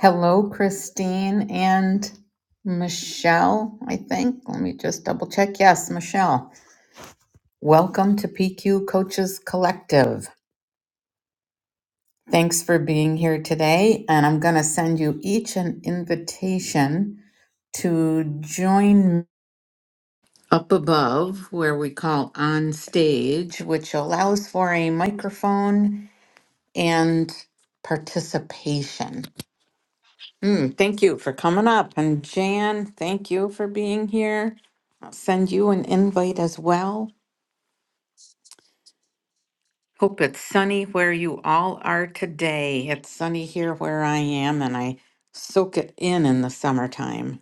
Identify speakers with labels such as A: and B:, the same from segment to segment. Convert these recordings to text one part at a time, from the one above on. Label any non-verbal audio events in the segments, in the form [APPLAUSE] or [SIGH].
A: Hello, Christine and Michelle, I think. Let me just double check. Yes, Michelle. Welcome to PQ Coaches Collective. Thanks for being here today. And I'm going to send you each an invitation to join up above where we call on stage, which allows for a microphone and participation. Mm, thank you for coming up. And Jan, thank you for being here. I'll send you an invite as well. Hope it's sunny where you all are today. It's sunny here where I am, and I soak it in in the summertime.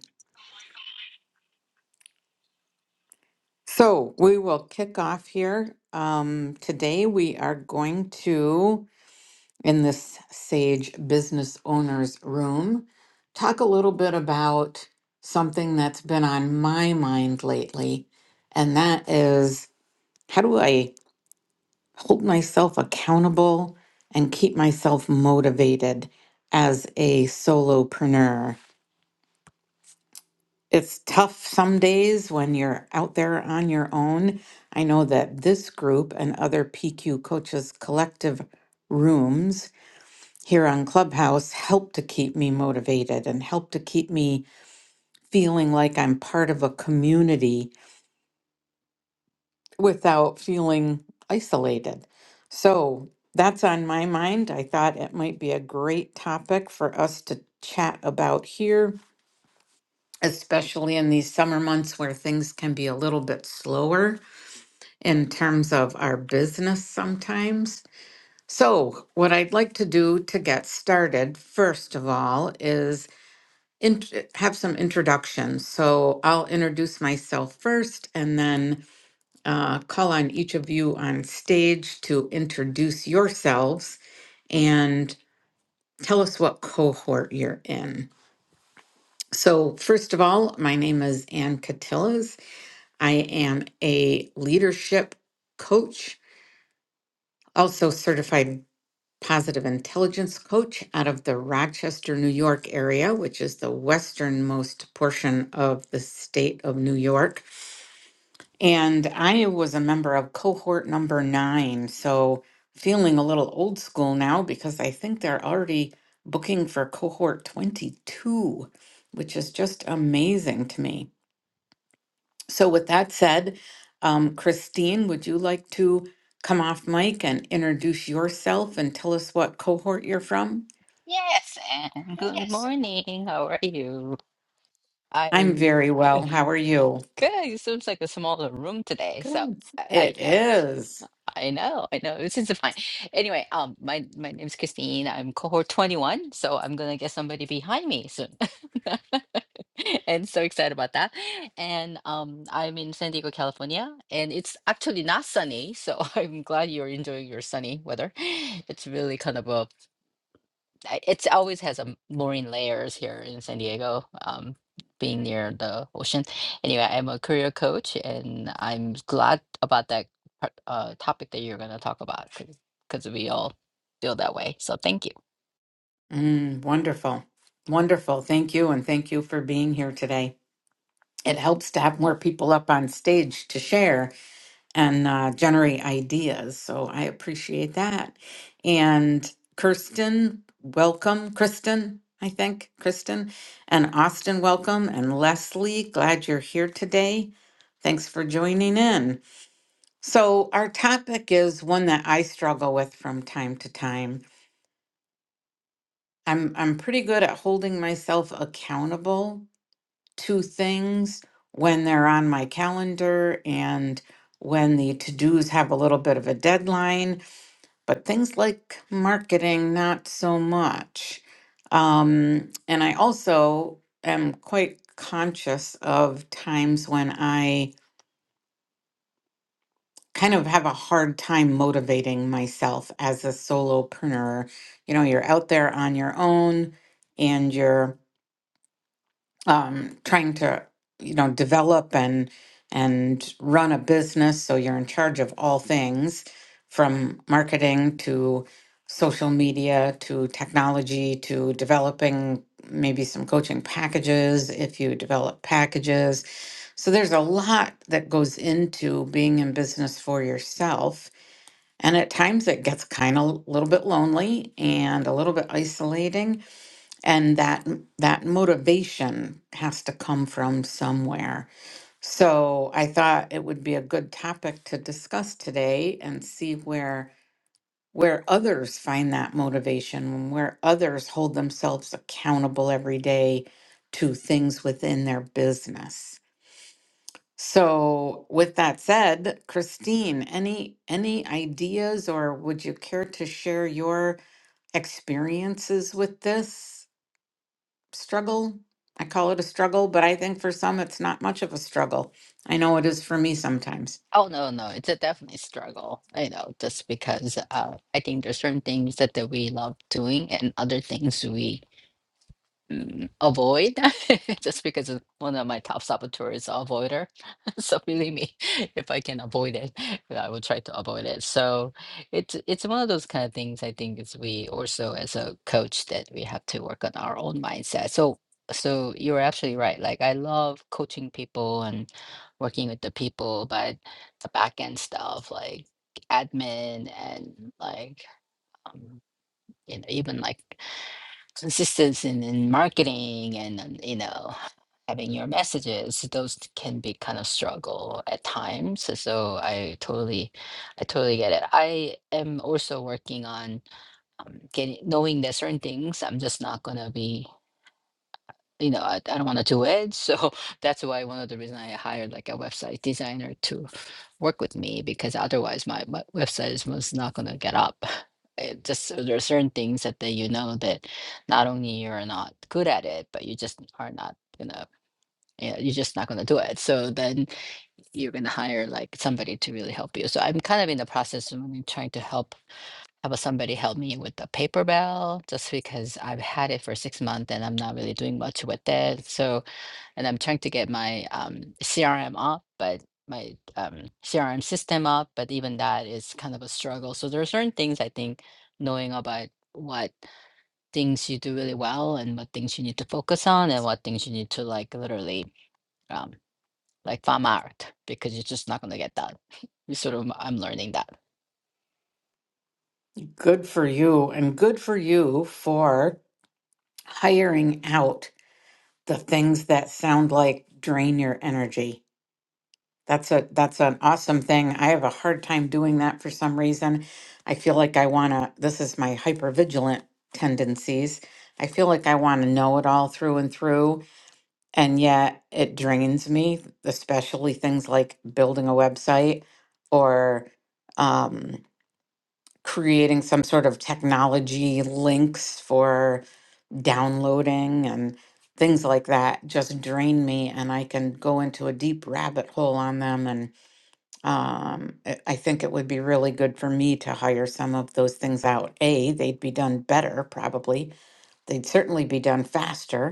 A: So we will kick off here. Um, today we are going to in this Sage Business Owners Room, talk a little bit about something that's been on my mind lately, and that is how do I hold myself accountable and keep myself motivated as a solopreneur? It's tough some days when you're out there on your own. I know that this group and other PQ Coaches Collective rooms here on Clubhouse help to keep me motivated and help to keep me feeling like I'm part of a community without feeling isolated. So that's on my mind. I thought it might be a great topic for us to chat about here, especially in these summer months where things can be a little bit slower in terms of our business sometimes. So, what I'd like to do to get started, first of all, is int- have some introductions. So I'll introduce myself first and then uh, call on each of you on stage to introduce yourselves and tell us what cohort you're in. So, first of all, my name is Ann Catillas. I am a leadership coach, also certified positive intelligence coach out of the Rochester, New York area, which is the westernmost portion of the state of New York. And I was a member of cohort number nine, so feeling a little old school now because I think they're already booking for cohort 22, which is just amazing to me. So, with that said, um, Christine, would you like to come off mic and introduce yourself and tell us what cohort you're from?
B: Yes, and good morning. How are you?
A: I'm
B: I'm
A: very
B: [LAUGHS] good.
A: well. How are you?
B: It seems like a smaller room today, so
A: Good.
B: I, I
A: It
B: know,
A: is.
B: I know, I know. This is fine. Anyway, um, my my name's Christine. I'm cohort 21, so I'm gonna get somebody behind me soon. [LAUGHS] And so excited about that. And um, I'm in San Diego, California, and it's actually not sunny, so [LAUGHS] I'm glad you're enjoying your sunny weather. [LAUGHS] It's really kind of a I- it's always has a marine layers here in San Diego, um, being near the ocean. Anyway, I'm a career coach, and I'm glad about that part- uh, topic that you're going to talk about because we all feel that way. So thank you.
A: Mm, wonderful. Wonderful. Thank you. And thank you for being here today. It helps to have more people up on stage to share and uh, generate ideas. So I appreciate that. And Kirsten, welcome. Kristen, I think. Kristen and Austin, welcome. And Leslie, glad you're here today. Thanks for joining in. So, our topic is one that I struggle with from time to time I'm I'm pretty good at holding myself accountable to things when they're on my calendar and when the to-dos have a little bit of a deadline, but things like marketing, not so much. Um, and I also am quite conscious of times when I kind of have a hard time motivating myself as a solopreneur. You know, you're out there on your own and you're um, trying to you know develop and and run a business so you're in charge of all things from marketing to social media to technology to developing maybe some coaching packages if you develop packages so there's a lot that goes into being in business for yourself and at times it gets kind of a little bit lonely and a little bit isolating and that that motivation has to come from somewhere so i thought it would be a good topic to discuss today and see where where others find that motivation where others hold themselves accountable every day to things within their business so with that said christine any any ideas or would you care to share your experiences with this struggle. I call it a struggle, but I think for some it's not much of a struggle. I know it is for me sometimes.
B: Oh no, no, it's a definitely struggle. I know, just because uh, I think there's certain things that, that we love doing and other things we mm, avoid [LAUGHS] just because it's one of my top saboteurs is a avoider. [LAUGHS] so believe me, [LAUGHS] if I can avoid it, [LAUGHS] I will try to avoid it. So it's it's one of those kind of things I think is we also as a coach that we have to work on our own mindset. So so you're absolutely right. Like I love coaching people and working with the people, but the back end stuff like admin and like um, you know even like assistance in, in marketing and um, you know having your messages those t- can be kind of struggle at times so so i totally i totally get it i am also working on um, getting knowing that certain things i'm just not going to be you know, I, I don't want to do it, So [LAUGHS] that's why one of the reason I hired like a website designer to work with me because otherwise my, my website is most not going to get up. [LAUGHS] It just so there are certain things that, that you know that not only you're not good at it, but you just are not gonna yeah, you're just not gonna do it. So then you're gonna hire like somebody to really help you. So I'm kind of in the process of really trying to help have somebody help me with the paper bell just because I've had it for six months and I'm not really doing much with it. So and I'm trying to get my um, CRM up, but my um, CRM system up, but even that is kind of a struggle. So there are certain things I think knowing about what things you do really well and what things you need to focus on and what things you need to like literally um, like farm out because you're just not going to get that. [LAUGHS] You sort of, I'm learning that.
A: Good for you, and good for you for hiring out the things that sound like drain your energy. That's a that's an awesome thing. I have a hard time doing that for some reason. I feel like I want to this is my hypervigilant tendencies. I feel like I want to know it all through and through And yet it drains me, especially things like building a website or um, creating some sort of technology links for downloading and things like that just drain me. And I can go into a deep rabbit hole on them. And um, I I think it would be really good for me to hire some of those things out. A, they'd be done better, probably. They'd certainly be done faster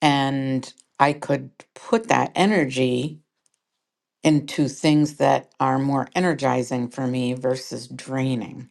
A: and I could put that energy into things that are more energizing for me versus draining.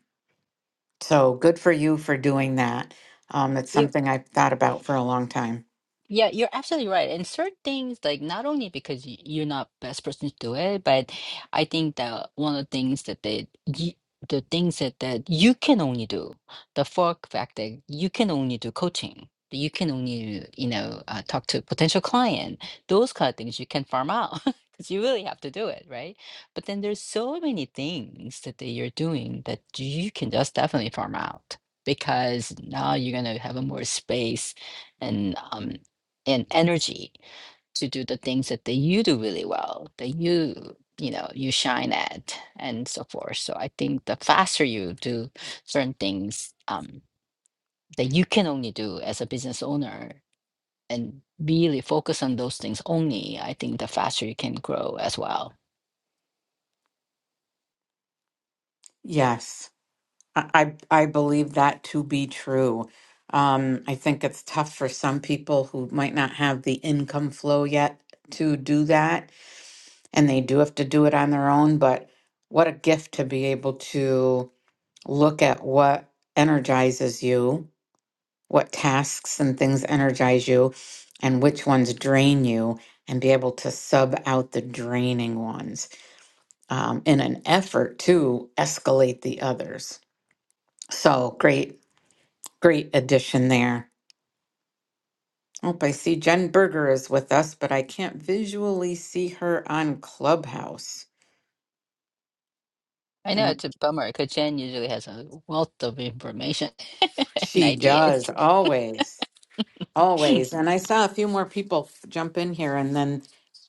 A: So good for you for doing that. Um, it's
B: You
A: something I've thought about for a long time.
B: Yeah, you're absolutely right. And certain things, like not only because y- you're not best person to do it, but I think that one of the things that they, y- the things that that you can only do, the fork fact that you can only do coaching. that You can only, you know, uh, talk to potential client. Those kind of things you can farm out [LAUGHS] because you really have to do it, right? But then there's so many things that that you're doing that you can just definitely farm out because now you're gonna have a more space and um and energy to do the things that, that you do really well, that you, you know, you shine at and so forth. So I think the faster you do certain things um, that you can only do as a business owner and really focus on those things only, I think the faster you can grow as well.
A: Yes, I I, I believe that to be true. Um, I think it's tough for some people who might not have the income flow yet to do that, and they do have to do it on their own. But what a gift to be able to look at what energizes you, what tasks and things energize you, and which ones drain you, and be able to sub out the draining ones um, in an effort to escalate the others. So great, great addition there. Oh, I see Jen Berger is with us, but I can't visually see her on Clubhouse.
B: I
A: And
B: know
A: I-
B: it's a bummer because Jen usually has a wealth of information [LAUGHS] and
A: she
B: ideas.
A: does always. Always. And I saw a few more people f- jump in here and then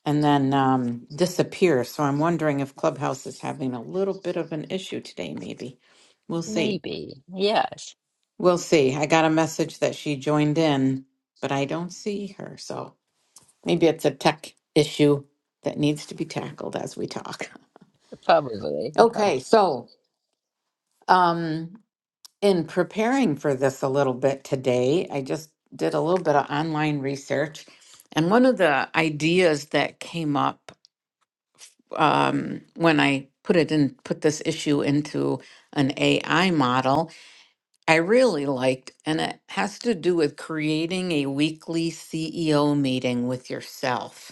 A: and then um, disappear. So I'm wondering if Clubhouse is having a little bit of an issue today, maybe. We'll see.
B: Maybe. Yes,
A: We'll see. I got a message that she joined in, but I don't see her. So maybe it's a tech issue that needs to be tackled as we talk. [LAUGHS]
B: probably. Probably.
A: Okay, so um in preparing for this a little bit today, I just did a little bit of online research. And one of the ideas that came up um, when I put it in, put this issue into an AI model, I really liked, and it has to do with creating a weekly CEO meeting with yourself.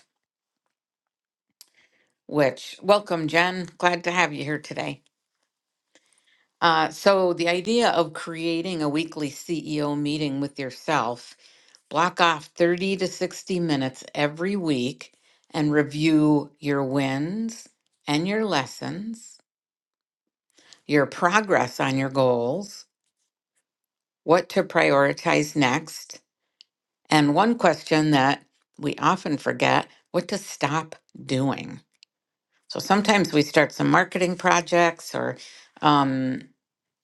A: Which, welcome, Jen. Glad to have you here today. Uh, so, the idea of creating a weekly CEO meeting with yourself Block off 30 to 60 minutes every week and review your wins and your lessons, your progress on your goals, what to prioritize next, and one question that we often forget what to stop doing. So sometimes we start some marketing projects or um,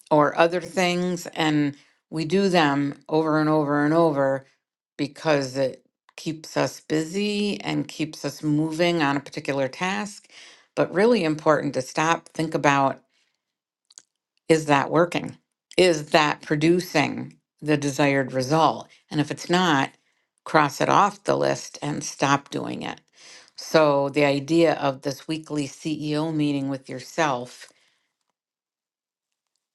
A: or other things and we do them over and over and over because it keeps us busy and keeps us moving on a particular task but really important to stop think about is that working is that producing the desired result and if it's not cross it off the list and stop doing it so the idea of this weekly CEO meeting with yourself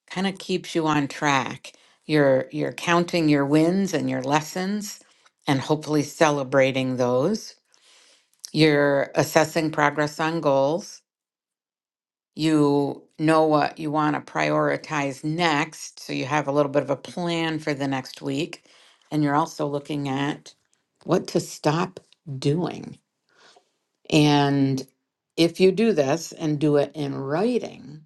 A: kind of keeps you on track. You're you're counting your wins and your lessons and hopefully celebrating those. You're assessing progress on goals. You know what you want to prioritize next, so you have a little bit of a plan for the next week and you're also looking at what to stop doing. And if you do this and do it in writing,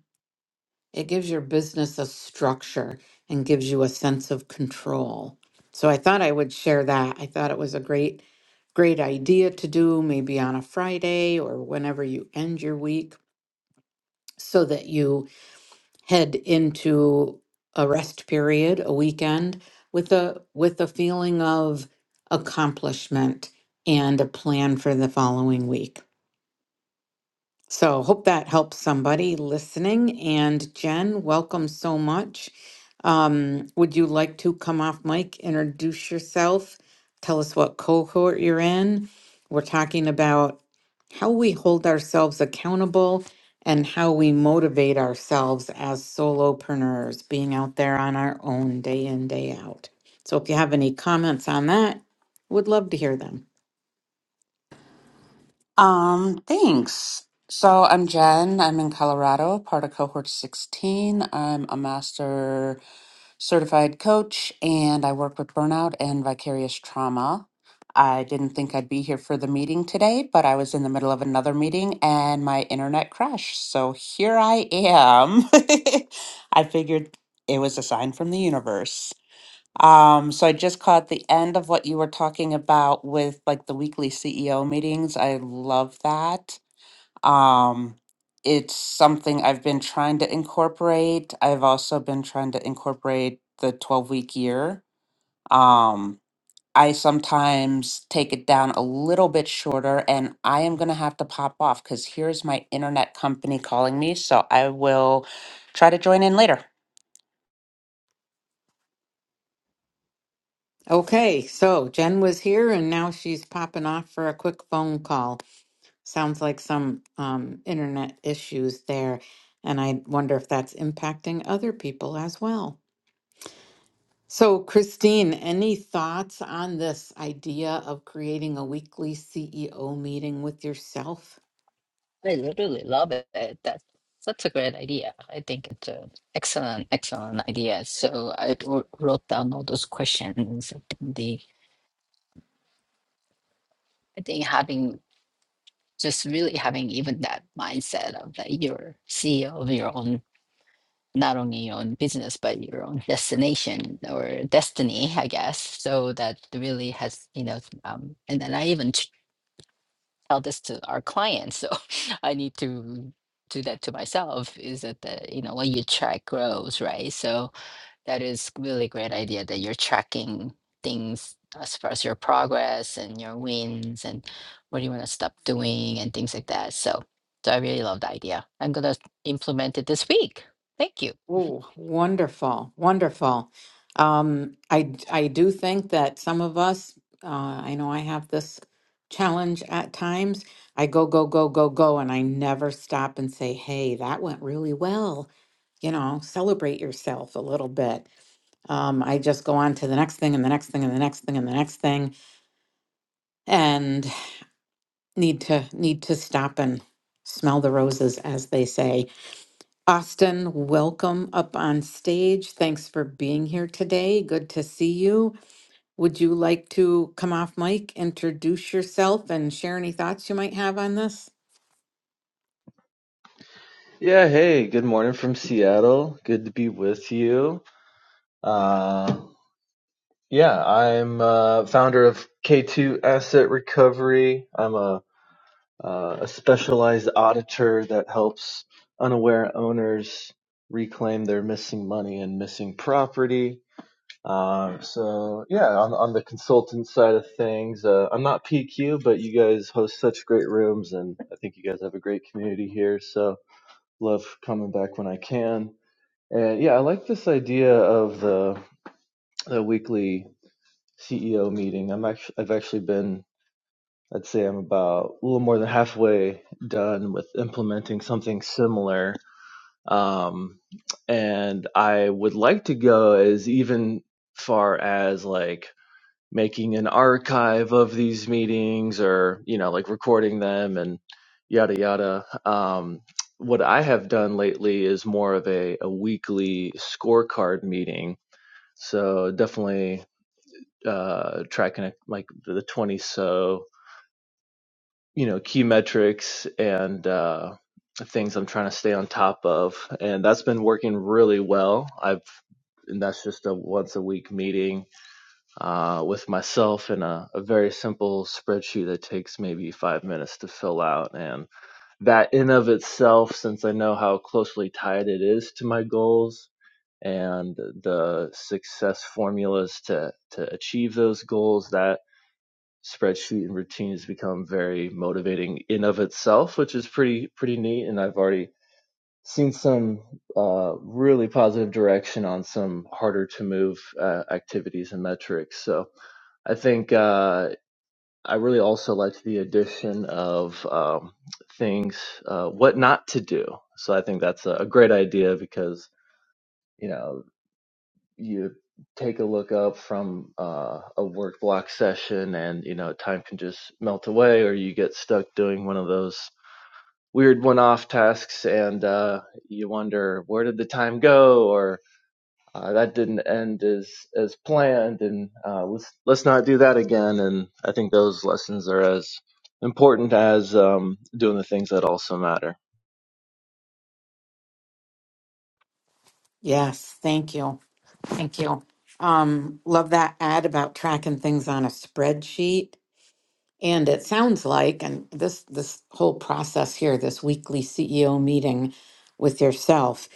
A: It gives your business a structure and gives you a sense of control. So I thought I would share that. I thought it was a great, great idea to do maybe on a Friday or whenever you end your week so that you head into a rest period, a weekend with a with a feeling of accomplishment and a plan for the following week. So, hope that helps somebody listening. And Jen, welcome so much. Um, would you like to come off mic, introduce yourself, tell us what cohort you're in? We're talking about how we hold ourselves accountable and how we motivate ourselves as solopreneurs, being out there on our own day in, day out. So, if you have any comments on that, would love to hear them.
C: Um, thanks. So I'm Jen. I'm in Colorado, part of cohort 16. I'm a master certified coach and I work with burnout and vicarious trauma. I didn't think I'd be here for the meeting today, but I was in the middle of another meeting and my internet crashed. So here I am. [LAUGHS] I figured it was a sign from the universe. Um, so I just caught the end of what you were talking about with like the weekly CEO meetings. I love that. Um, it's something I've been trying to incorporate. I've also been trying to incorporate the 12 week year. Um, I sometimes take it down a little bit shorter and I am going to have to pop off because here's my internet company calling me. So I will try to join in later.
A: Okay, so Jen was here and now she's popping off for a quick phone call. Sounds like some um, internet issues there. And I wonder if that's impacting other people as well. So, Christine, any thoughts on this idea of creating a weekly CEO meeting with yourself?
B: I really love it. That's such a great idea. I think it's an excellent, excellent idea. So I w- wrote down all those questions. The I think having just really having even that mindset of that you're CEO of your own, not only your own business but your own destination or destiny, I guess. So that really has you know, um, and then I even tell this to our clients. So [LAUGHS] I need to do that to myself. Is that the you know when your track grows, right? So that is really great idea that you're tracking things as far as your progress and your wins and what do you want to stop doing and things like that. So so I really love the idea. I'm gonna implement it this week. Thank you,
A: Oh, wonderful, wonderful. Um, I I do think that some of us, uh, I know I have this challenge at times. I go, go, go, go, go, and I never stop and say, "Hey, that went really well." You know, celebrate yourself a little bit. Um, I just go on to the next thing and the next thing and the next thing and the next thing, and need to need to stop and smell the roses, as they say. Austin, welcome up on stage. Thanks for being here today. Good to see you. Would you like to come off mic, introduce yourself, and share any thoughts you might have on this?
D: Yeah, hey, good morning from Seattle. Good to be with you. Uh, yeah, I'm uh, founder of K2 Asset Recovery. I'm a, uh, a specialized auditor that helps unaware owners reclaim their missing money and missing property. Um, so yeah, on, on the consultant side of things, uh, I'm not PQ, but you guys host such great rooms, and I think you guys have a great community here. So love coming back when I can. And yeah, I like this idea of the the weekly CEO meeting. I'm actually I've actually been I'd say I'm about a little more than halfway done with implementing something similar. Um, and I would like to go as even far as like making an archive of these meetings or, you know, like recording them and yada yada. Um, what I have done lately is more of a, a weekly scorecard meeting so definitely uh, tracking like the 20 so you know key metrics and uh, things I'm trying to stay on top of, and that's been working really well. I've and that's just a once a week meeting uh, with myself in a, a very simple spreadsheet that takes maybe five minutes to fill out and that in of itself since i know how closely tied it is to my goals and the success formulas to to achieve those goals that spreadsheet and routine has become very motivating in of itself which is pretty pretty neat and i've already seen some uh, really positive direction on some harder to move uh, activities and metrics so i think uh, i really also liked the addition of um, things uh, what not to do so i think that's a, a great idea because you know you take a look up from uh, a work block session and you know time can just melt away or you get stuck doing one of those weird one-off tasks and uh, you wonder where did the time go or uh, that didn't end as as planned and uh, let's let's not do that again and i think those lessons are as important as um, doing the things that also matter
A: Yes, thank you. Thank you. Um, love that ad about tracking things on a spreadsheet. And it sounds like, and this this whole process here, this weekly CEO meeting with yourself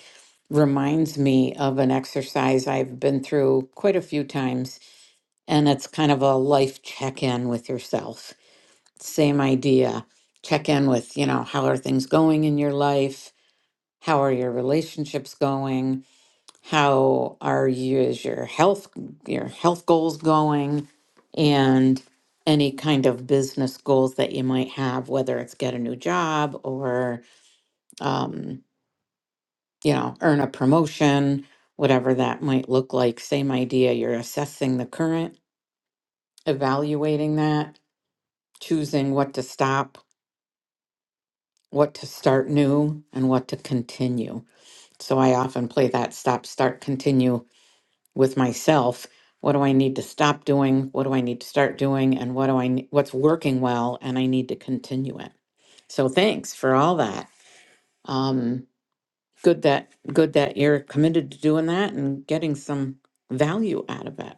A: reminds me of an exercise I've been through quite a few times and it's kind of a life check in with yourself. Same idea. Check in with, you know, how are things going in your life? How are your relationships going? How are you is your health your health goals going and any kind of business goals that you might have, whether it's get a new job or um, you know, earn a promotion, whatever that might look like. Same idea. You're assessing the current, evaluating that, choosing what to stop, what to start new, and what to continue. So I often play that stop, start, continue with myself. What do I need to stop doing? What do I need to start doing? And what do I ne- what's working well and I need to continue it. So thanks for all that. Um good that good that you're committed to doing that and getting some value out of it.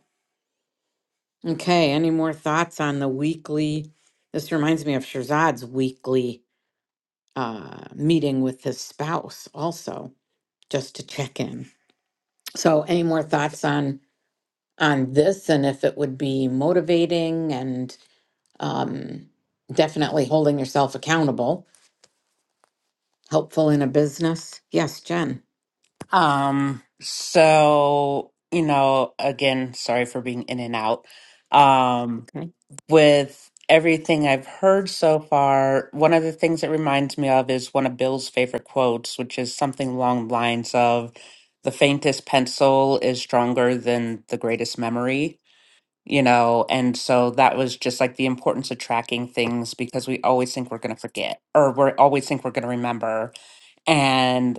A: Okay, any more thoughts on the weekly? This reminds me of Shirzad's weekly uh, meeting with his spouse also, just to check in. So, any more thoughts on on this, and if it would be motivating and um, definitely holding yourself accountable, helpful in a business? Yes, Jen.
C: Um, so, you know, again, sorry for being in and out. Um,
A: Okay.
C: with everything I've heard so far, one of the things it reminds me of is one of Bill's favorite quotes, which is something along the lines of the faintest pencil is stronger than the greatest memory, you know, and so that was just like the importance of tracking things because we always think we're going to forget or we always think we're going to remember. and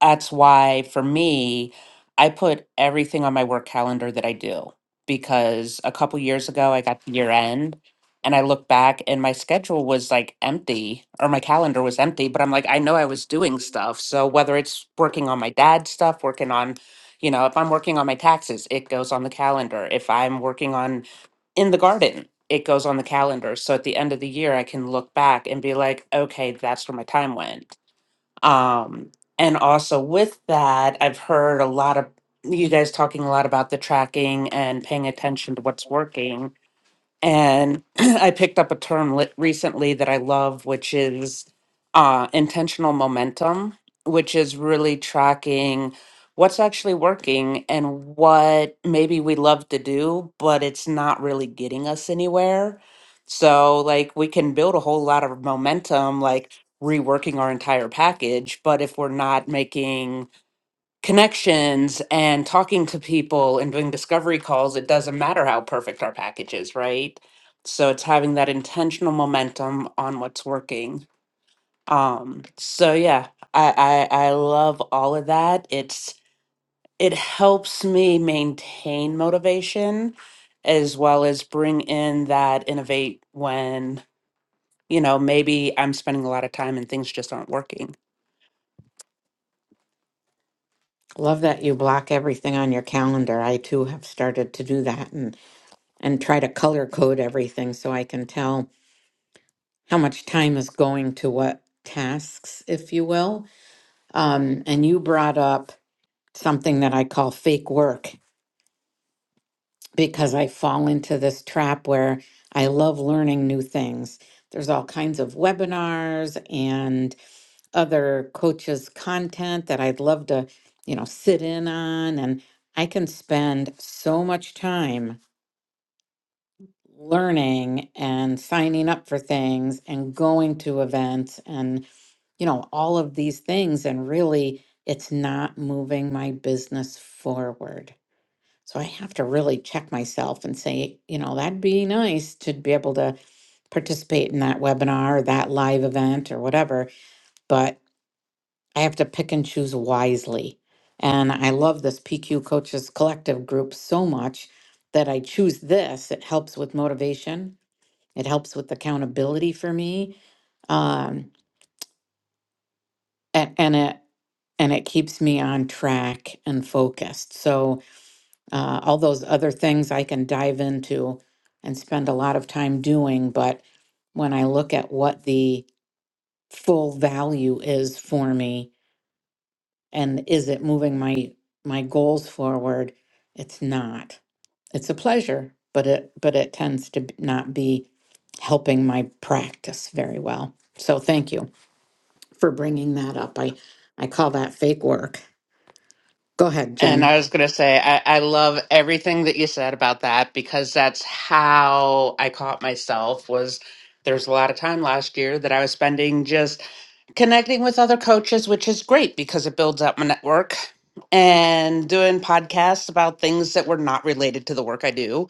C: that's why for me i put everything on my work calendar that i do because a couple years ago i got to year end and i looked back and my schedule was like empty or my calendar was empty but i'm like i know i was doing stuff so whether it's working on my dad's stuff working on you know if i'm working on my taxes it goes on the calendar if i'm working on in the garden it goes on the calendar so at the end of the year i can look back and be like okay that's where my time went um, and also with that, I've heard a lot of you guys talking a lot about the tracking and paying attention to what's working. And [CLEARS THROAT] I picked up a term lit recently that I love, which is uh, intentional momentum, which is really tracking what's actually working and what maybe we love to do, but it's not really getting us anywhere. So, like, we can build a whole lot of momentum, like reworking our entire package, but if we're not making connections and talking to people and doing discovery calls, it doesn't matter how perfect our package is, right? So it's having that intentional momentum on what's working. Um, so yeah, I, I I love all of that. It's it helps me maintain motivation as well as bring in that innovate when, you know, maybe I'm spending a lot of time and things just aren't working
A: Love that you block everything on your calendar. I too have started to do that and and try to color code everything so I can tell how much time is going to what tasks, if you will. Um, and you brought up something that I call fake work because I fall into this trap where I love learning new things. There's all kinds of webinars and other coaches' content that I'd love to, you know, sit in on. And I can spend so much time learning and signing up for things and going to events and, you know, all of these things. And really, it's not moving my business forward. So I have to really check myself and say, you know, that'd be nice to be able to participate in that webinar or that live event or whatever, but I have to pick and choose wisely. And I love this PQ Coaches Collective group so much that I choose this. It helps with motivation. It helps with accountability for me. Um, and, and it and it keeps me on track and focused. So Uh, all those other things I can dive into and spend a lot of time doing, but when I look at what the full value is for me and is it moving my my goals forward, it's not. It's a pleasure, but it but it tends to b- not be helping my practice very well. So thank you for bringing that up. I I call that fake work. Go ahead,
C: And
A: Jen.
C: I was going to say, I, I love everything that you said about that because that's how I caught myself was there's a lot of time last year that I was spending just connecting with other coaches, which is great because it builds up my network and doing podcasts about things that were not related to the work I do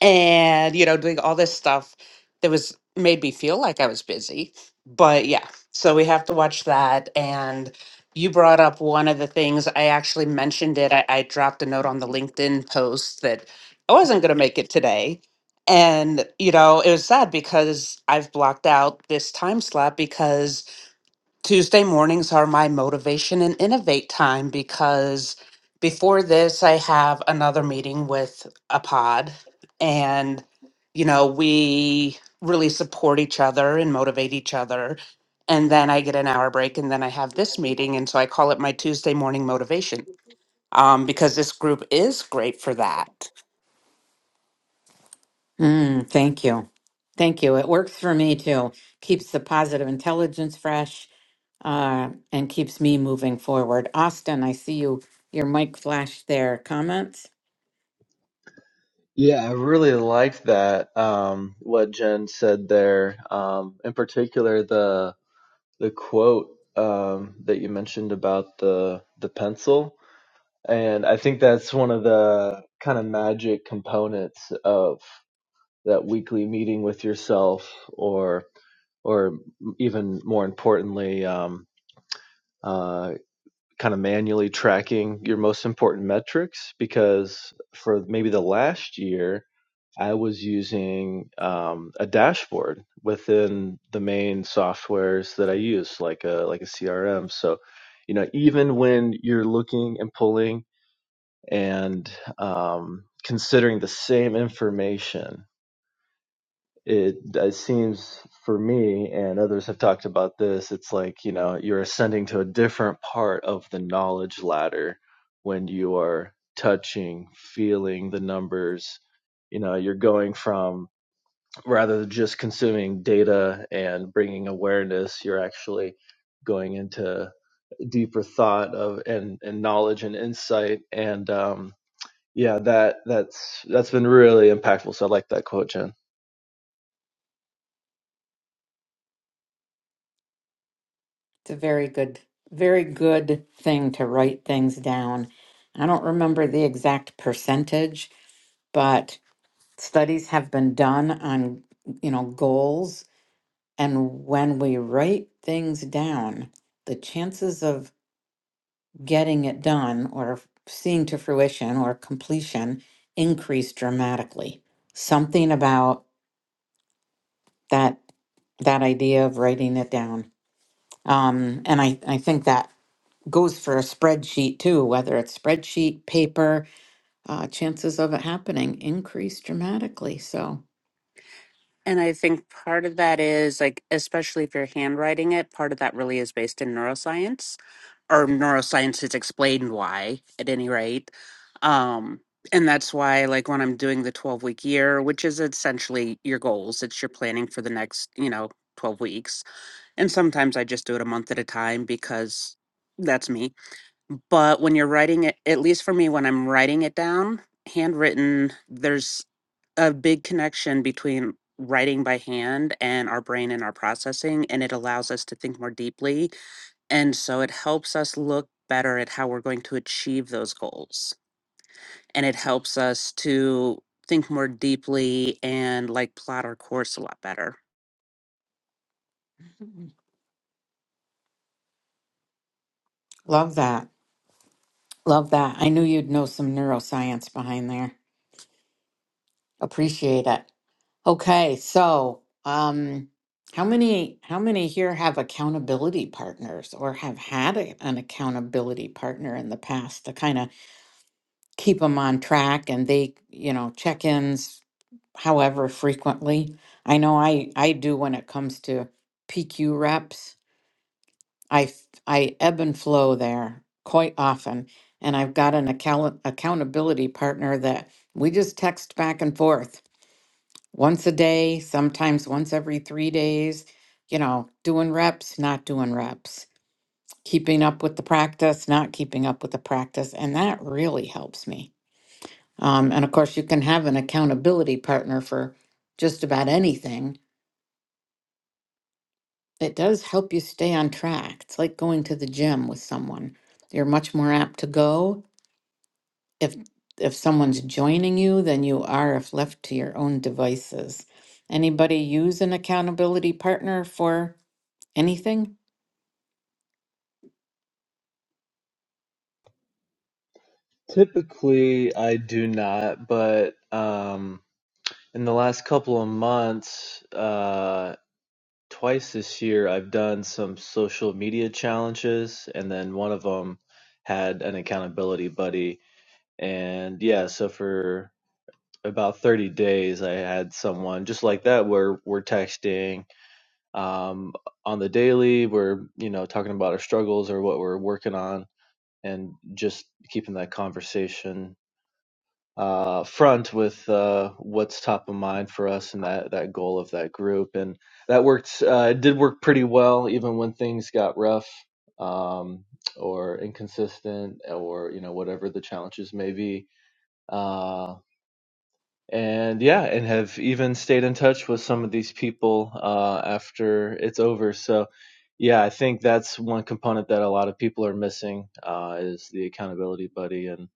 C: and you know doing all this stuff that was made me feel like i was busy but yeah so we have to watch that and you brought up one of the things i actually mentioned it i, I dropped a note on the linkedin post that i wasn't going to make it today and you know it was sad because i've blocked out this time slot because Tuesday mornings are my motivation and innovate time because before this, I have another meeting with a pod. And, you know, we really support each other and motivate each other. And then I get an hour break and then I have this meeting. And so I call it my Tuesday morning motivation um, because this group is great for that.
A: Mm, thank you. Thank you. It works for me too. Keeps the positive intelligence fresh uh, and keeps me moving forward. Austin, I see you. Your mic flashed there. Comments?
D: yeah, I really liked that um, what Jen said there. Um, in particular, the the quote um, that you mentioned about the the pencil, and I think that's one of the kind of magic components of that weekly meeting with yourself, or or even more importantly, um, uh, kind of manually tracking your most important metrics. Because for maybe the last year, I was using um, a dashboard within the main softwares that I use, like a like a CRM. So, you know, even when you're looking and pulling and um, considering the same information, it, it seems for me and others have talked about this. It's like you know you're ascending to a different part of the knowledge ladder when you are touching, feeling the numbers. You know, you're going from rather than just consuming data and bringing awareness you're actually going into deeper thought of and, and knowledge and insight and um, yeah that that's that's been really impactful so i like that quote jen
A: It's a very good, very good thing to write things down. I don't remember the exact percentage, but studies have been done on, you know, goals. And when we write things down, the chances of getting it done or seeing to fruition or completion increased dramatically. Something about that that idea of writing it down. Um, and I, I think that goes for a spreadsheet too, whether it's spreadsheet, paper, uh, chances of it happening increase dramatically. So
C: And I think part of that is like, especially if you're handwriting it, part of that really is based in neuroscience or neuroscience has explained why at any rate um and that's why like when i'm doing the 12 week year which is essentially your goals it's your planning for the next you know 12 weeks and sometimes i just do it a month at a time because that's me but when you're writing it at least for me when i'm writing it down handwritten there's a big connection between writing by hand and our brain and our processing and it allows us to think more deeply and so it helps us look better at how we're going to achieve those goals. And it helps us to think more deeply and like plot our course a lot better.
A: Mhm. love that. Love that. I knew you'd know some neuroscience behind there. Appreciate it. Okay, so um, how many how many here have accountability partners or have had a, an accountability partner in the past to kind of keep them on track and they, you know, check-ins however frequently? I know I I do when it comes to PQ reps. I f- I ebb and flow there quite often, and I've got an account accountability partner that we just text back and forth once a day, sometimes once every three days, you know, doing reps, not doing reps, keeping up with the practice, not keeping up with the practice. And that really helps me. Um, and of course, you can have an accountability partner for just about anything. It does help you stay on track. It's like going to the gym with someone. You're much more apt to go if if someone's joining you than you are if left to your own devices. Anybody use an accountability partner for Anything?
D: typically i do not but um, in the last couple of months uh, twice this year i've done some social media challenges and then one of them had an accountability buddy and yeah so for about 30 days i had someone just like that where we're texting um on the daily we're you know talking about our struggles or what we're working on and just keeping that conversation uh front with uh what's top of mind for us and that that goal of that group and that worked uh it did work pretty well even when things got rough um or inconsistent or you know whatever the challenges may be Uh, and yeah, and have even stayed in touch with some of these people uh, after it's over. So yeah, I think that's one component that a lot of people are missing uh, is the accountability buddy and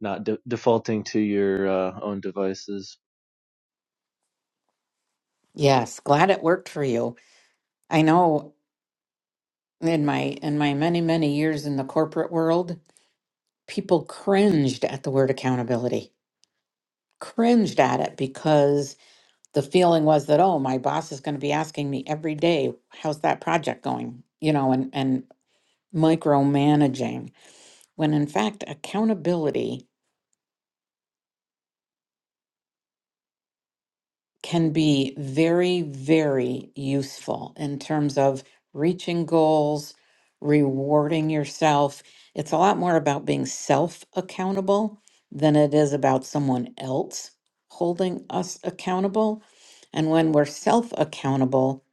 D: not de- defaulting to your uh, own devices.
A: Yes, glad it worked for you. I know in my in my many, many years in the corporate world, people cringed at the word accountability. Cringed at it because the feeling was that, oh, my boss is going to be asking me every day, how's that project going? You know, and and micromanaging. When in fact, accountability can be very, very useful in terms of reaching goals, rewarding yourself. It's a lot more about being self accountable than it is about someone else holding us accountable. And when we're self accountable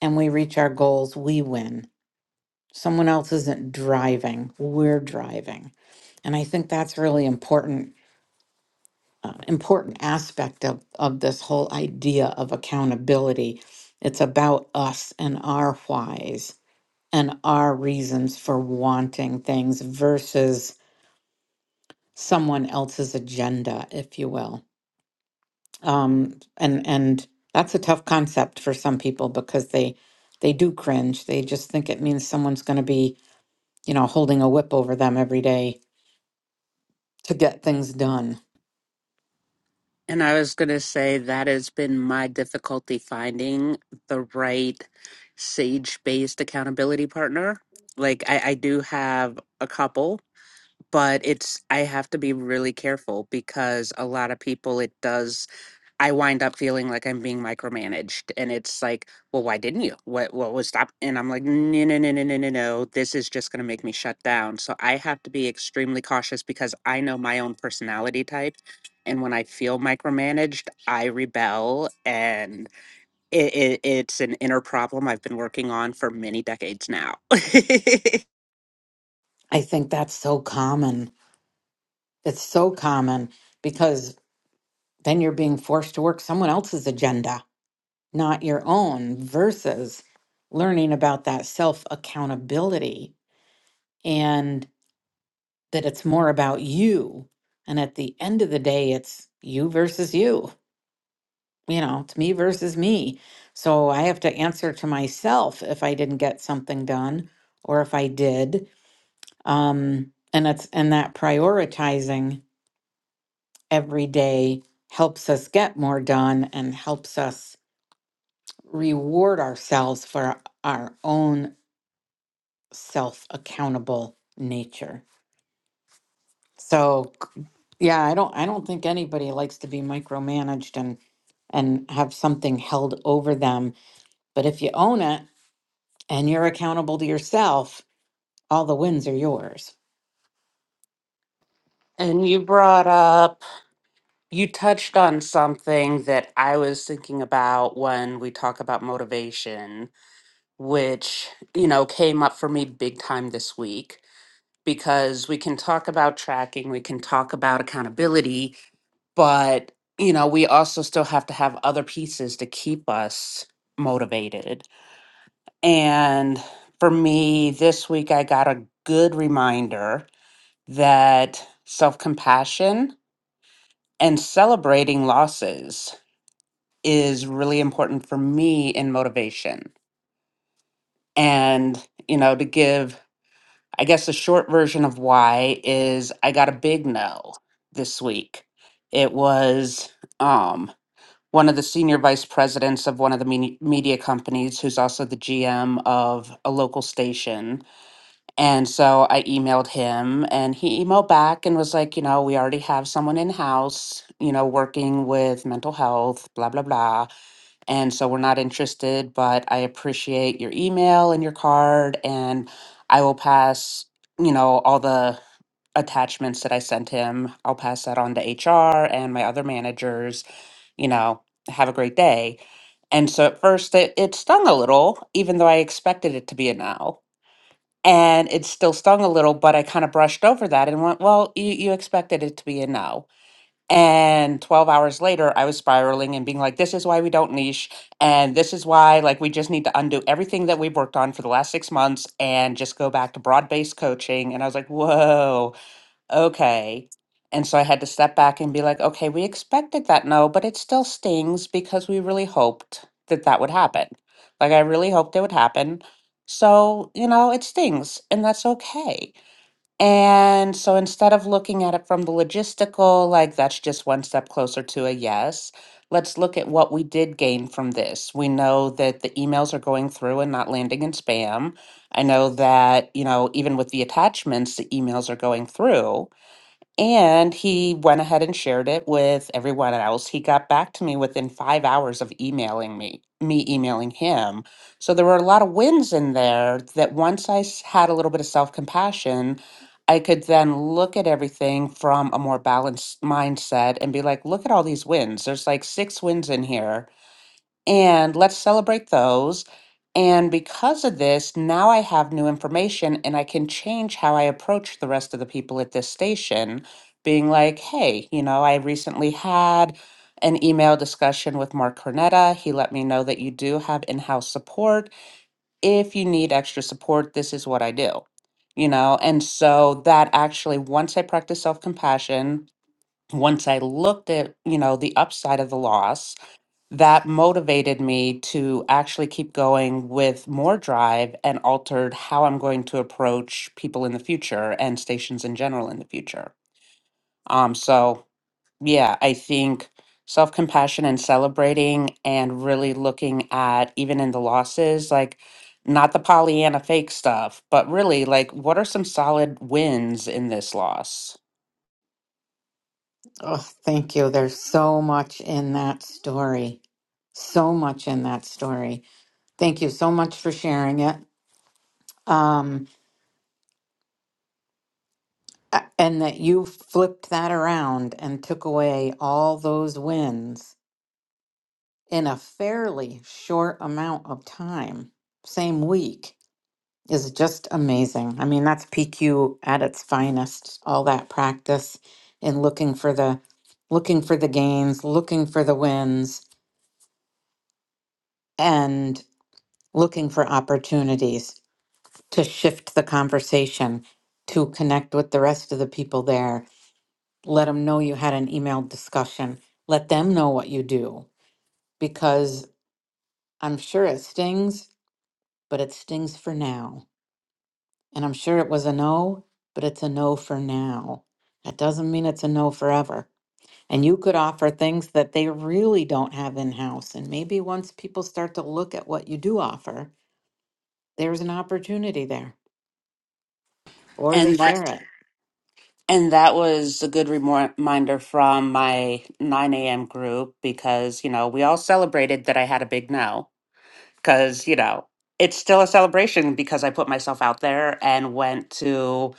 A: and we reach our goals, we win. Someone else isn't driving, we're driving. And I think that's really important uh, important aspect of, of this whole idea of accountability. It's about us and our whys and our reasons for wanting things versus someone else's agenda, if you will. Um, and and that's a tough concept for some people because they they do cringe. They just think it means someone's going to be you know holding a whip over them every day to get things done.
C: And I was going to say that has been my difficulty finding the right sage based accountability partner. Like, I, I do have a couple, but it's, I have to be really careful because a lot of people, it does I wind up feeling like I'm being micromanaged. And it's like, well, why didn't you? What what was that? And I'm like, no, no, no, no, no, no, no. This is just gonna make me shut down. So I have to be extremely cautious because I know my own personality type. And when I feel micromanaged, I rebel and it, it, it's an inner problem I've been working on for many decades now. [LAUGHS]
A: I think that's so common. It's so common because then you're being forced to work someone else's agenda, not your own, versus learning about that self accountability and that it's more about you. And at the end of the day, it's you versus you. You know, it's me versus me. So I have to answer to myself if I didn't get something done or if I did. Um, and it's and that prioritizing every day helps us get more done and helps us reward ourselves for our own self accountable nature. So c- yeah, I don't I don't think anybody likes to be micromanaged and and have something held over them, but if you own it and you're accountable to yourself, all the wins are yours.
C: And you brought up, you touched on something that I was thinking about when we talk about motivation which, you know, came up for me big time this week because we can talk about tracking, we can talk about accountability, but, you know, we also still have to have other pieces to keep us motivated. And for me, this week, I got a good reminder that self compassion and celebrating losses is really important for me in motivation. And, you know, to give I guess the short version of why is I got a big no this week. It was um, one of the senior vice presidents of one of the me- media companies, who's also the GM of a local station, and so I emailed him and he emailed back and was like, you know, we already have someone in house, you know, working with mental health, blah, blah, blah. And so we're not interested, but I appreciate your email and your card. And I will pass, you know, all the attachments that I sent him. I'll pass that on to HR and my other managers, you know, have a great day. And so at first it, it stung a little, even though I expected it to be a no and it still stung a little but i kind of brushed over that and went well you, you expected it to be a no and 12 hours later i was spiraling and being like this is why we don't niche and this is why like we just need to undo everything that we've worked on for the last six months and just go back to broad-based coaching and i was like whoa okay. And so I had to step back and be like, okay, we expected that no, but it still stings because we really hoped that that would happen. Like, I really hoped it would happen. So, you know, it stings and that's okay. And so instead of looking at it from the logistical, like that's just one step closer to a yes, let's look at what we did gain from this. We know that the emails are going through and not landing in spam. I know that, you know, even with the attachments, the emails are going through. And he went ahead and shared it with everyone else. He got back to me within five hours of emailing me, me emailing him. So there were a lot of wins in there that once I s- had a little bit of self compassion, I could then look at everything from a more balanced mindset and be like, look at all these wins. There's like six wins in here and let's celebrate those. And because of this, now I have new information and I can change how I approach the rest of the people at this station, being like, hey, you know, I recently had an email discussion with Mark Cornetta. He let me know that you do have in house support. If you need extra support, this is what I do, you know? And so that actually, once I practiced self compassion, once I looked at, you know, the upside of the loss, that motivated me to actually keep going with more drive and altered how I'm going to approach people in the future and stations in general in the future. Um, so, yeah, I think self compassion and celebrating and really looking at even in the losses, like not the Pollyanna fake stuff, but really like what are some solid wins in this loss?
A: Oh, thank you. There's so much in that story. So much in that story. Thank you so much for sharing it. Um, a- and that you flipped that around and took away all those wins in a fairly short amount of time, same week, is just amazing. I mean, that's PQ at its finest, all that practice and looking for the looking for the gains, looking for the wins, and looking for opportunities to shift the conversation to connect with the rest of the people there let them know you had an emailed discussion. Let them know what you do because I'm sure it stings, but it stings for now. And I'm sure it was a no, but it's a no for now. That doesn't mean it's a no forever. And you could offer things that they really don't have in house. And maybe once people start to look at what you do offer, there's an opportunity there or they
C: And that
A: share it.
C: And that was a good reminder from my 9 a.m. group because, you know, we all celebrated that I had a big no. Because, you know, it's still a celebration because I put myself out there and went to,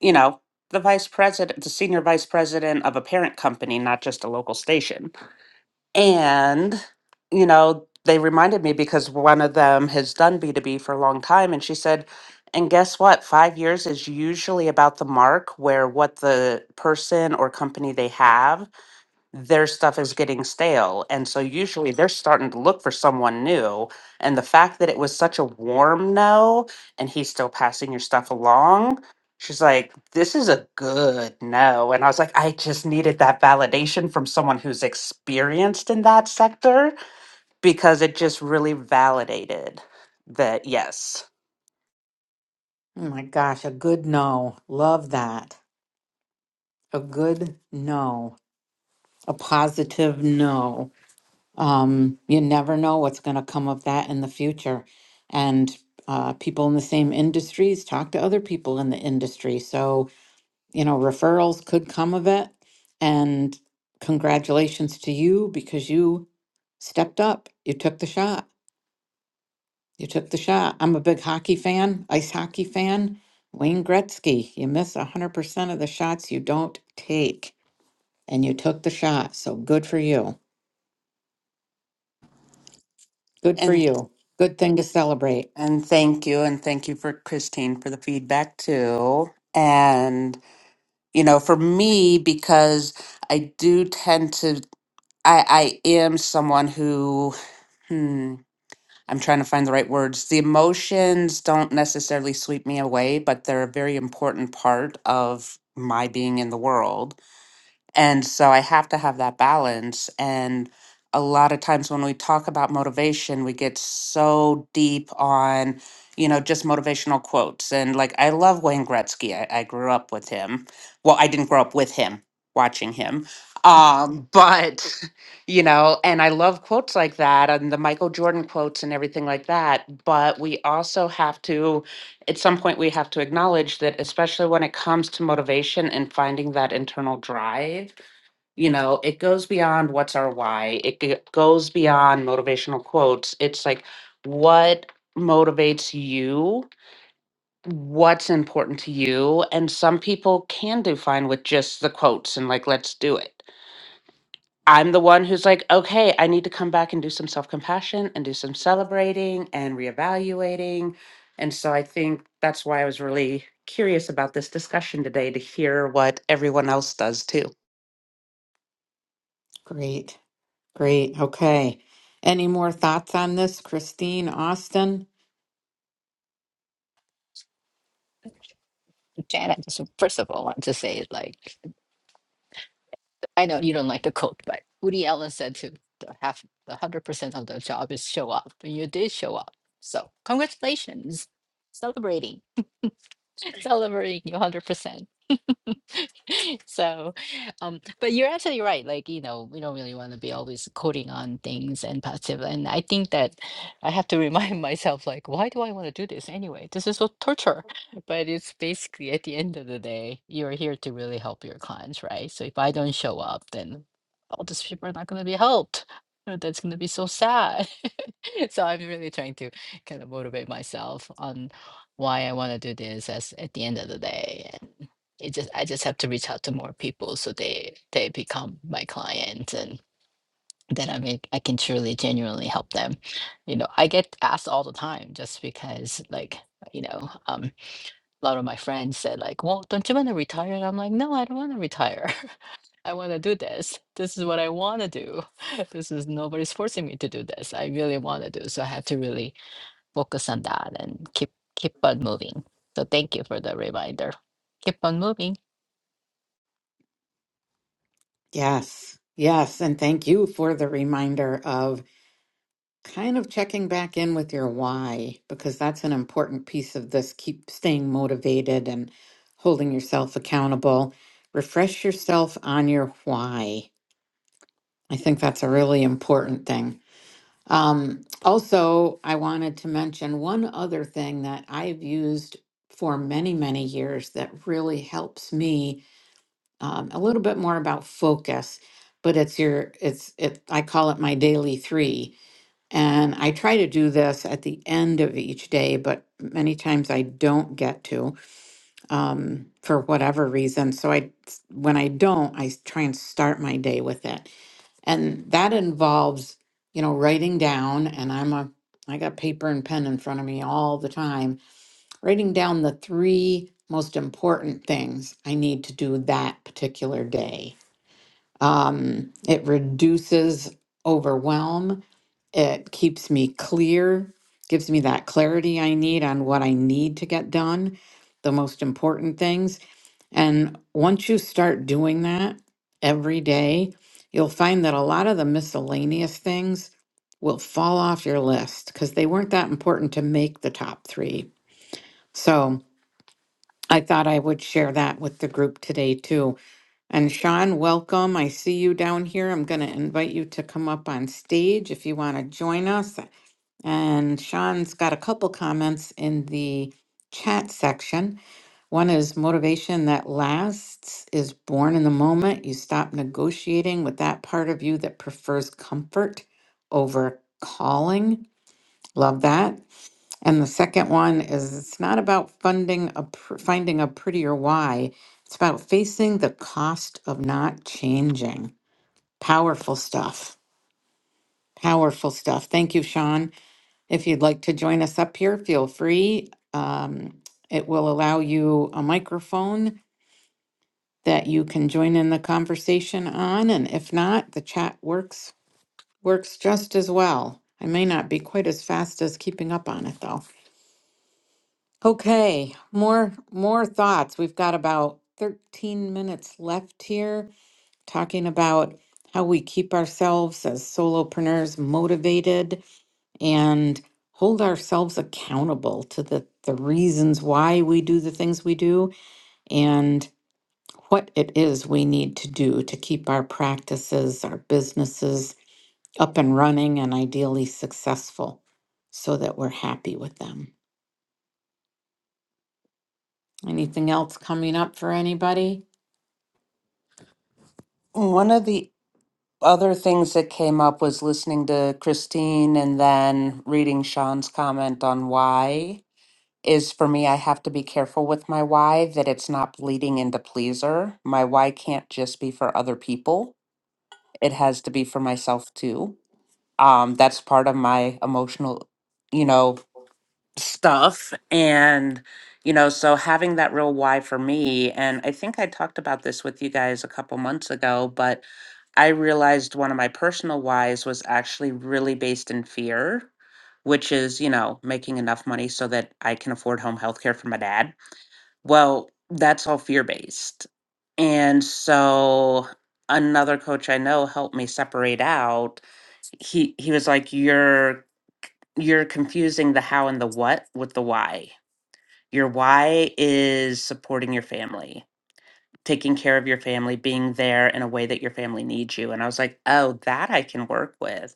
C: you know, the vice president, the senior vice president of a parent company, not just a local station. And, you know, they reminded me because one of them has done B2B for a long time. And she said, and guess what? Five years is usually about the mark where what the person or company they have their stuff is getting stale. And so usually they're starting to look for someone new. And the fact that it was such a warm no and he's still passing your stuff along, she's like, this is a good no. And I was like, I just needed that validation from someone who's experienced in that sector because it just really validated that yes.
A: Oh my gosh, a good no. Love that. A good no. A positive no. Um, you never know what's going to come of that in the future. And uh, people in the same industries talk to other people in the industry. So, you know, referrals could come of it. And congratulations to you because you stepped up. You took the shot. You took the shot. I'm a big hockey fan, ice hockey fan. Wayne Gretzky, you miss 100% of the shots you don't take. And you took the shot. So good for you. Good for
C: And
A: you. Good thing to celebrate.
C: and thank you and thank you for Christine for the feedback too. And you know for me because i do tend to i i am someone who hmm i'm trying to find the right words the emotions don't necessarily sweep me away but they're a very important part of my being in the world and so I have to have that balance. And a lot of times when we talk about motivation, we get so deep on, you know, just motivational quotes. And like, I love Wayne Gretzky. I, I grew up with him. Well, I didn't grow up with him, watching him. Um, but, [LAUGHS] you know, and I love quotes like that and the Michael Jordan quotes and everything like that. But we also have to, at some point, we have to acknowledge that, especially when it comes to motivation and finding that internal drive you know it goes beyond what's our why it g- goes beyond motivational quotes it's like what motivates you what's important to you and some people can do fine with just the quotes and like let's do it i'm the one who's like okay i need to come back and do some self-compassion and do some celebrating and reevaluating and so i think that's why i was really curious about this discussion today to hear what everyone else does too
A: Great. Great. Okay. Any more thoughts on this, Christine Austin?
B: Janet. [LAUGHS] Just first of all, I want to say like I know you don't like to quote, but Woody Allen said to the half, the hundred percent of the job is show up, and you did show up. So congratulations, celebrating, [LAUGHS] celebrating your hundred percent. [LAUGHS] so um but you're absolutely right like you know we don't really want to be always coding on things and passive and i think that i have to remind [LAUGHS] myself like why do i want to do this anyway this is so torture [LAUGHS] but it's basically at the end of the day you're here to really help your clients right so if i don't show up then all these people are not going to be helped [LAUGHS] that's going to be so sad [LAUGHS] so i'm really trying to kind of motivate myself on why i want to do this as at the end of the day it just I just have to reach out to more people so they they become my clients and then I make I can truly genuinely help them. You know, I get asked all the time just because like you know, um, a lot of my friends said like, "Well, don't you want to retire?" And I'm like, "No, I don't want to retire. [LAUGHS] I want to do this. This is what I want to do. [LAUGHS] this is nobody's forcing me to do this. I really want to do." So I have to really focus on that and keep keep on moving. So thank you for the reminder. Keep on moving.
A: Yes. Yes. And thank you for the reminder of kind of checking back in with your why, because that's an important piece of this. Keep staying motivated and holding yourself accountable. Refresh yourself on your why. I think that's a really important thing. Um, also, I wanted to mention one other thing that I've used for many, many years that really helps me um, a little bit more about focus. But it's your, it's it. I call it my daily three, and I try to do this at the end of each day. But many times I don't get to um, for whatever reason. So I, when I don't, I try and start my day with it and that involves you know writing down and i'm a i got paper and pen in front of me all the time writing down the three most important things i need to do that particular day um, it reduces overwhelm it keeps me clear gives me that clarity i need on what i need to get done the most important things and once you start doing that every day, you'll find that a lot of the miscellaneous things will fall off your list because they weren't that important to make the top three. So I thought I would share that with the group today too. And Sean, welcome. I see you down here. I'm going to invite you to come up on stage if you want to join us. And Sean's got a couple comments in the chat section. One is motivation that lasts is born in the moment. You stop negotiating with that part of you that prefers comfort over calling. Love that. And the second one is it's not about funding a pr- finding a prettier why. It's about facing the cost of not changing. Powerful stuff. Powerful stuff. Thank you, Sean. If you'd like to join us up here, feel free. Um, it will allow you a microphone that you can join in the conversation on and if not the chat works works just as well i may not be quite as fast as keeping up on it though okay more more thoughts we've got about 13 minutes left here talking about how we keep ourselves as solopreneurs motivated and hold ourselves accountable to the the reasons why we do the things we do and what it is we need to do to keep our practices, our businesses up and running and ideally successful so that we're happy with them. Anything else coming up for anybody?
C: one of the other things that came up was listening to Christine and then reading Sean's comment on why is for me I have to be careful with my why that it's not bleeding into pleaser. My why can't just be for other people. It has to be for myself too. Um that's part of my emotional, you know, stuff and you know so having that real why for me and i think i talked about this with you guys a couple months ago but i realized one of my personal whys was actually really based in fear which is you know making enough money so that i can afford home health care for my dad well that's all fear based and so another coach i know helped me separate out he he was like you're you're confusing the how and the what with the why your why is supporting your family, taking care of your family, being there in a way that your family needs you. And I was like, oh, that I can work with.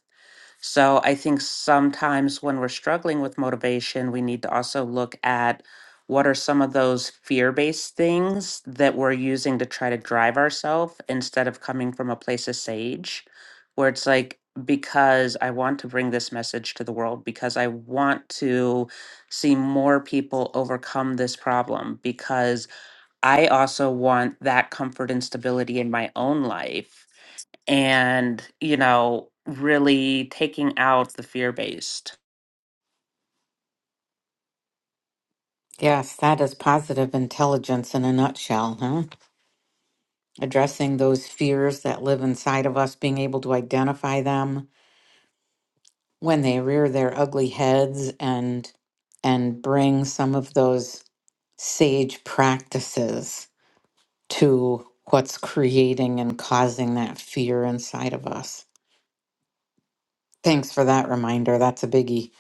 C: So I think sometimes when we're struggling with motivation, we need to also look at what are some of those fear based things that we're using to try to drive ourselves instead of coming from a place of sage, where it's like, because I want to bring this message to the world, because I want to see more people overcome this problem, because I also want that comfort and stability in my own life and you know really taking out the fear based
A: Yes, that is positive intelligence in a nutshell, huh? Addressing those fears that live inside of us, being able to identify them when they rear their ugly heads and and bring some of those sage practices to what's creating and causing that fear inside of us. Thanks for that reminder. That's a biggie.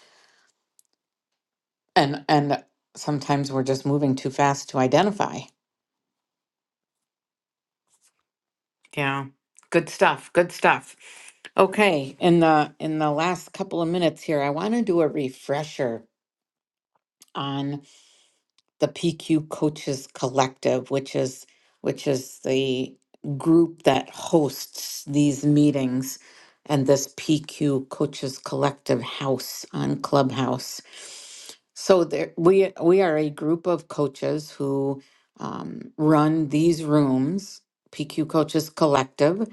A: And and sometimes we're just moving too fast to identify. Yeah. Good stuff. Good stuff. Okay, in the in the last couple of minutes here, I want to do a refresher on. the PQ Coaches Collective, which is which is the group that hosts these meetings and this PQ Coaches Collective house on Clubhouse. So there, we we are a group of coaches who um, run these rooms, PQ Coaches Collective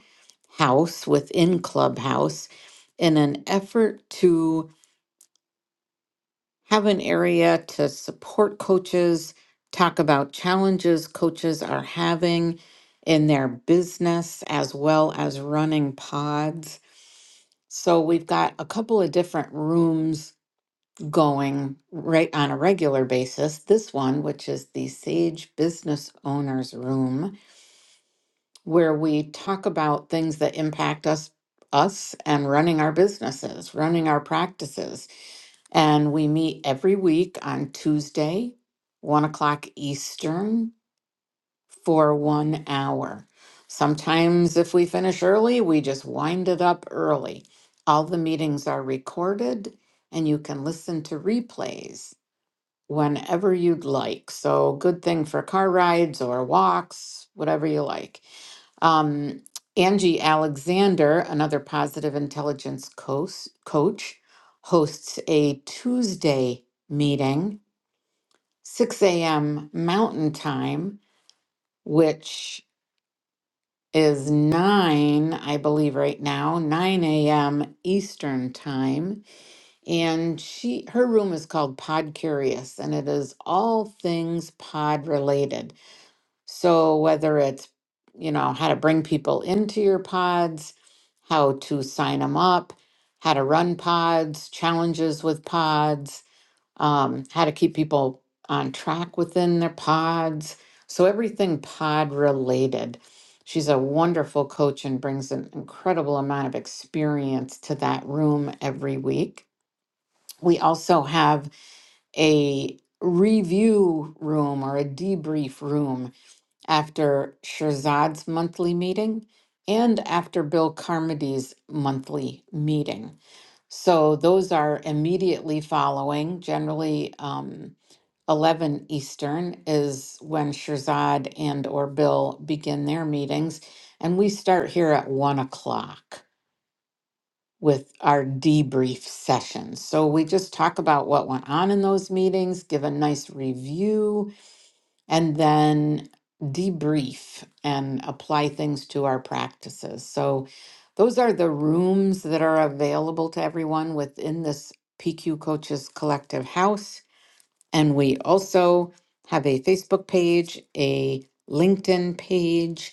A: house within Clubhouse, in an effort to have an area to support coaches, talk about challenges coaches are having in their business as well as running pods. So we've got a couple of different rooms going right on a regular basis. This one, which is the Sage Business Owners Room, where we talk about things that impact us us and running our businesses, running our practices and we meet every week on Tuesday, one o'clock Eastern, for one hour. Sometimes, if we finish early, we just wind it up early. All the meetings are recorded and you can listen to replays whenever you'd like. So, good thing for car rides or walks, whatever you like. Um, Angie Alexander, another positive intelligence coach, coach, hosts a Tuesday meeting, 6 a.m. Mountain Time, which is 9, I believe, right now, 9 a.m. Eastern Time. And she her room is called Pod Curious, and it is all things pod related. So, whether it's, you know, how to bring people into your pods, how to sign them up, how to run pods, challenges with pods, um, how to keep people on track within their pods. So, everything pod related. She's a wonderful coach and brings an incredible amount of experience to that room every week. We also have a review room or a debrief room after Shirzad's monthly meeting and after Bill Carmody's monthly meeting. So those are immediately following. Generally, um, 11 Eastern is when Shirzad and or Bill begin their meetings, and we start here at one o'clock with our debrief sessions. So we just talk about what went on in those meetings, give a nice review and then debrief and apply things to our practices. So, those are the rooms that are available to everyone within this PQ Coaches Collective House. And we also have a Facebook page, a LinkedIn page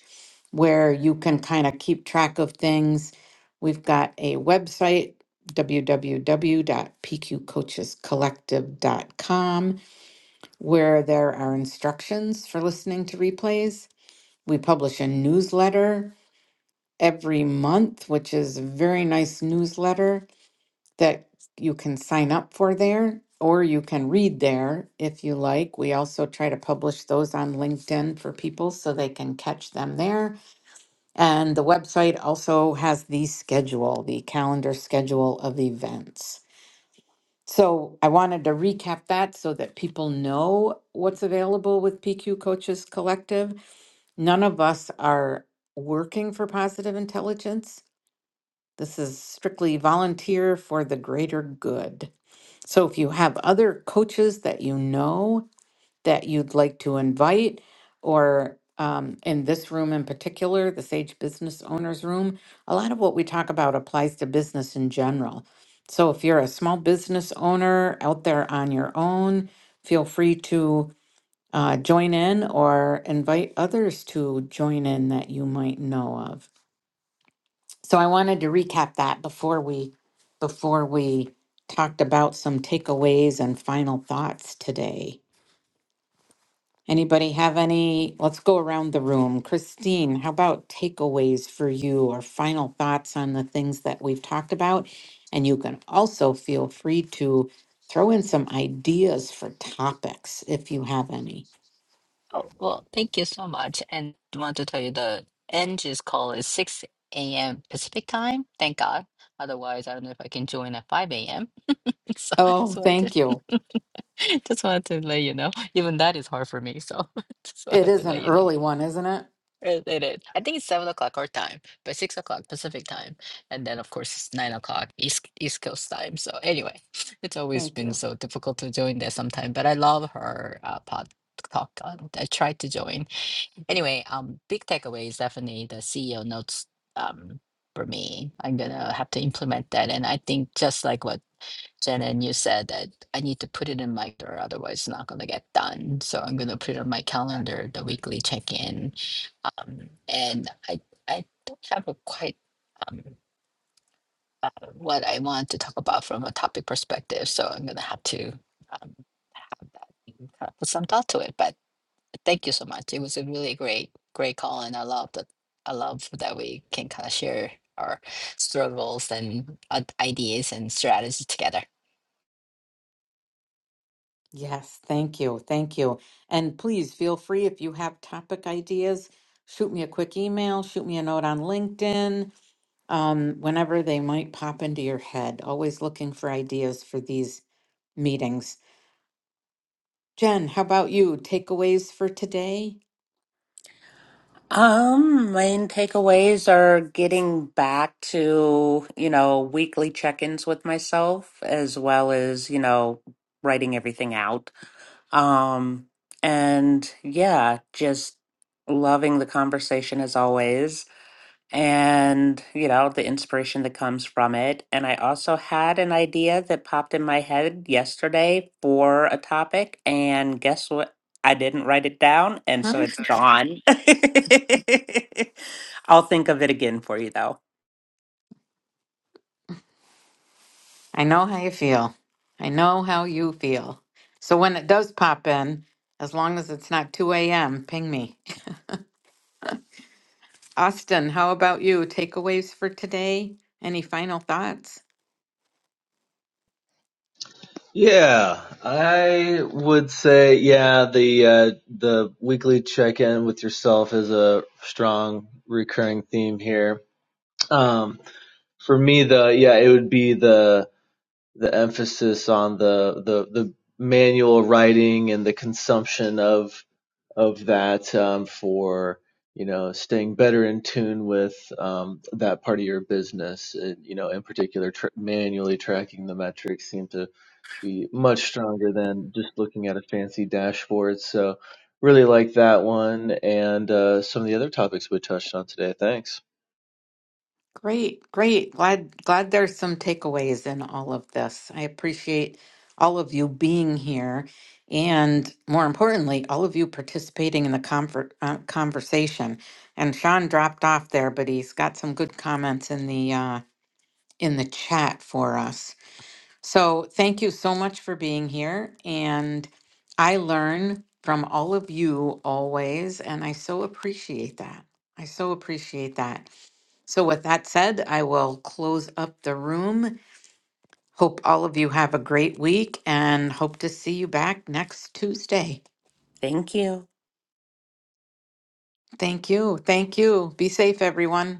A: where you can kind of keep track of things. We've got a website, www.pqcoachescollective.com where there are instructions for listening to replays. We publish a newsletter every month, which is a very nice newsletter that you can sign up for there or you can read there if you like. We also try to publish those on LinkedIn for people so they can catch them there. And the website also has the schedule, the calendar schedule of events. So I wanted to recap that so that people know what's available with PQ Coaches Collective. None of us are working for positive intelligence. This is strictly volunteer for the greater good. So if you have other coaches that you know that you'd like to invite, or um, in this room in particular, the Sage Business Owners Room, a lot of what we talk about applies to business in general. So if you're a small business owner out there on your own, feel free to uh, join in or invite others to join in that you might know of. So I wanted to recap that before we before we talked about some takeaways and final thoughts today. Anybody have any? Let's go around the room. Christine, how about takeaways for you or final thoughts on the things that we've talked about? And you can also feel free to throw in some ideas for topics if you have any.
B: Oh, well, thank you so much. And I want to tell you the NG's call is 6 a.m. Pacific time. Thank God. Otherwise, I don't know if I can join at 5 a.m. [LAUGHS] So I
A: Oh,
B: just wanted
A: thank you.
B: to, [LAUGHS] just wanted to let you know. Even that is hard for me. So [LAUGHS] just
A: It
B: wanted to
A: is an
B: let you know.
A: early one, isn't it?
B: It, it is. I think it's 7 o'clock our time, but 6 o'clock Pacific time. And then, of course, it's 9 o'clock East, East Coast time. So anyway, [LAUGHS] it's always
A: Thank
B: been
A: you.
B: so difficult to join there sometime. But I love her uh, pod talk. on- I tried to join Anyway, um, big takeaway is definitely the CEO notes um, for me. I'm gonna have to implement that, and I think just like what Jen and you said, that I need to put it in my calendar, otherwise it's not gonna get done. So I'm gonna put it on my calendar, the weekly check-in, um, and I I don't have a quite um, uh, what I want to talk about from a topic perspective, so I'm gonna have to um, have that kind of put some thought to it, but. Thank you so much. It was a really great, great call, and I love that. I love that we can kind of share our struggles and uh, ideas and strategies together.
A: Yes, thank you. Thank you. And please feel free if you have topic ideas, shoot me a quick email, shoot me a note on LinkedIn um, whenever they might pop into your head, always looking for ideas for these meetings. Jen, how about you? Takeaways for today?
C: um main takeaways are getting back to you know weekly check-ins with myself as well as you know writing everything out um and yeah just loving the conversation as always and you know the inspiration that comes from it and i also had an idea that popped in my head yesterday for a topic and guess what i didn't write it down and so
A: Huh?
C: it's gone [LAUGHS] i'll think of it again for you though
A: I know how you feel. I know how you feel. So when it does pop in, as long as it's not 2 a.m., ping me. Austin, how about you? Takeaways for today? Any final thoughts?
D: Yeah, I would say yeah, the uh, the weekly check-in with yourself is a strong recurring theme here. Um, for me, the yeah, it would be the the emphasis on the the the manual writing and the consumption of of that um, for you know staying better in tune with um, that part of your business uh, you know in particular tr- manually tracking the metrics seem to be much stronger than just looking at a fancy dashboard so really like that one and uh, some of the other topics we touched on today thanks
A: Great, great. Glad glad there's some takeaways in all of this. I appreciate all of you being here and more importantly, all of you participating in the conver- uh, conversation. And Sean dropped off there, but he's got some good comments in the uh, in the chat for us. So, thank you so much for being here and I learn from all of you always and I so appreciate that. I so appreciate that. So, with that said, I will close up the room. Hope all of you have a great week and hope to see you back next Tuesday.
C: thank you
A: Thank you. Thank you. Be safe, everyone.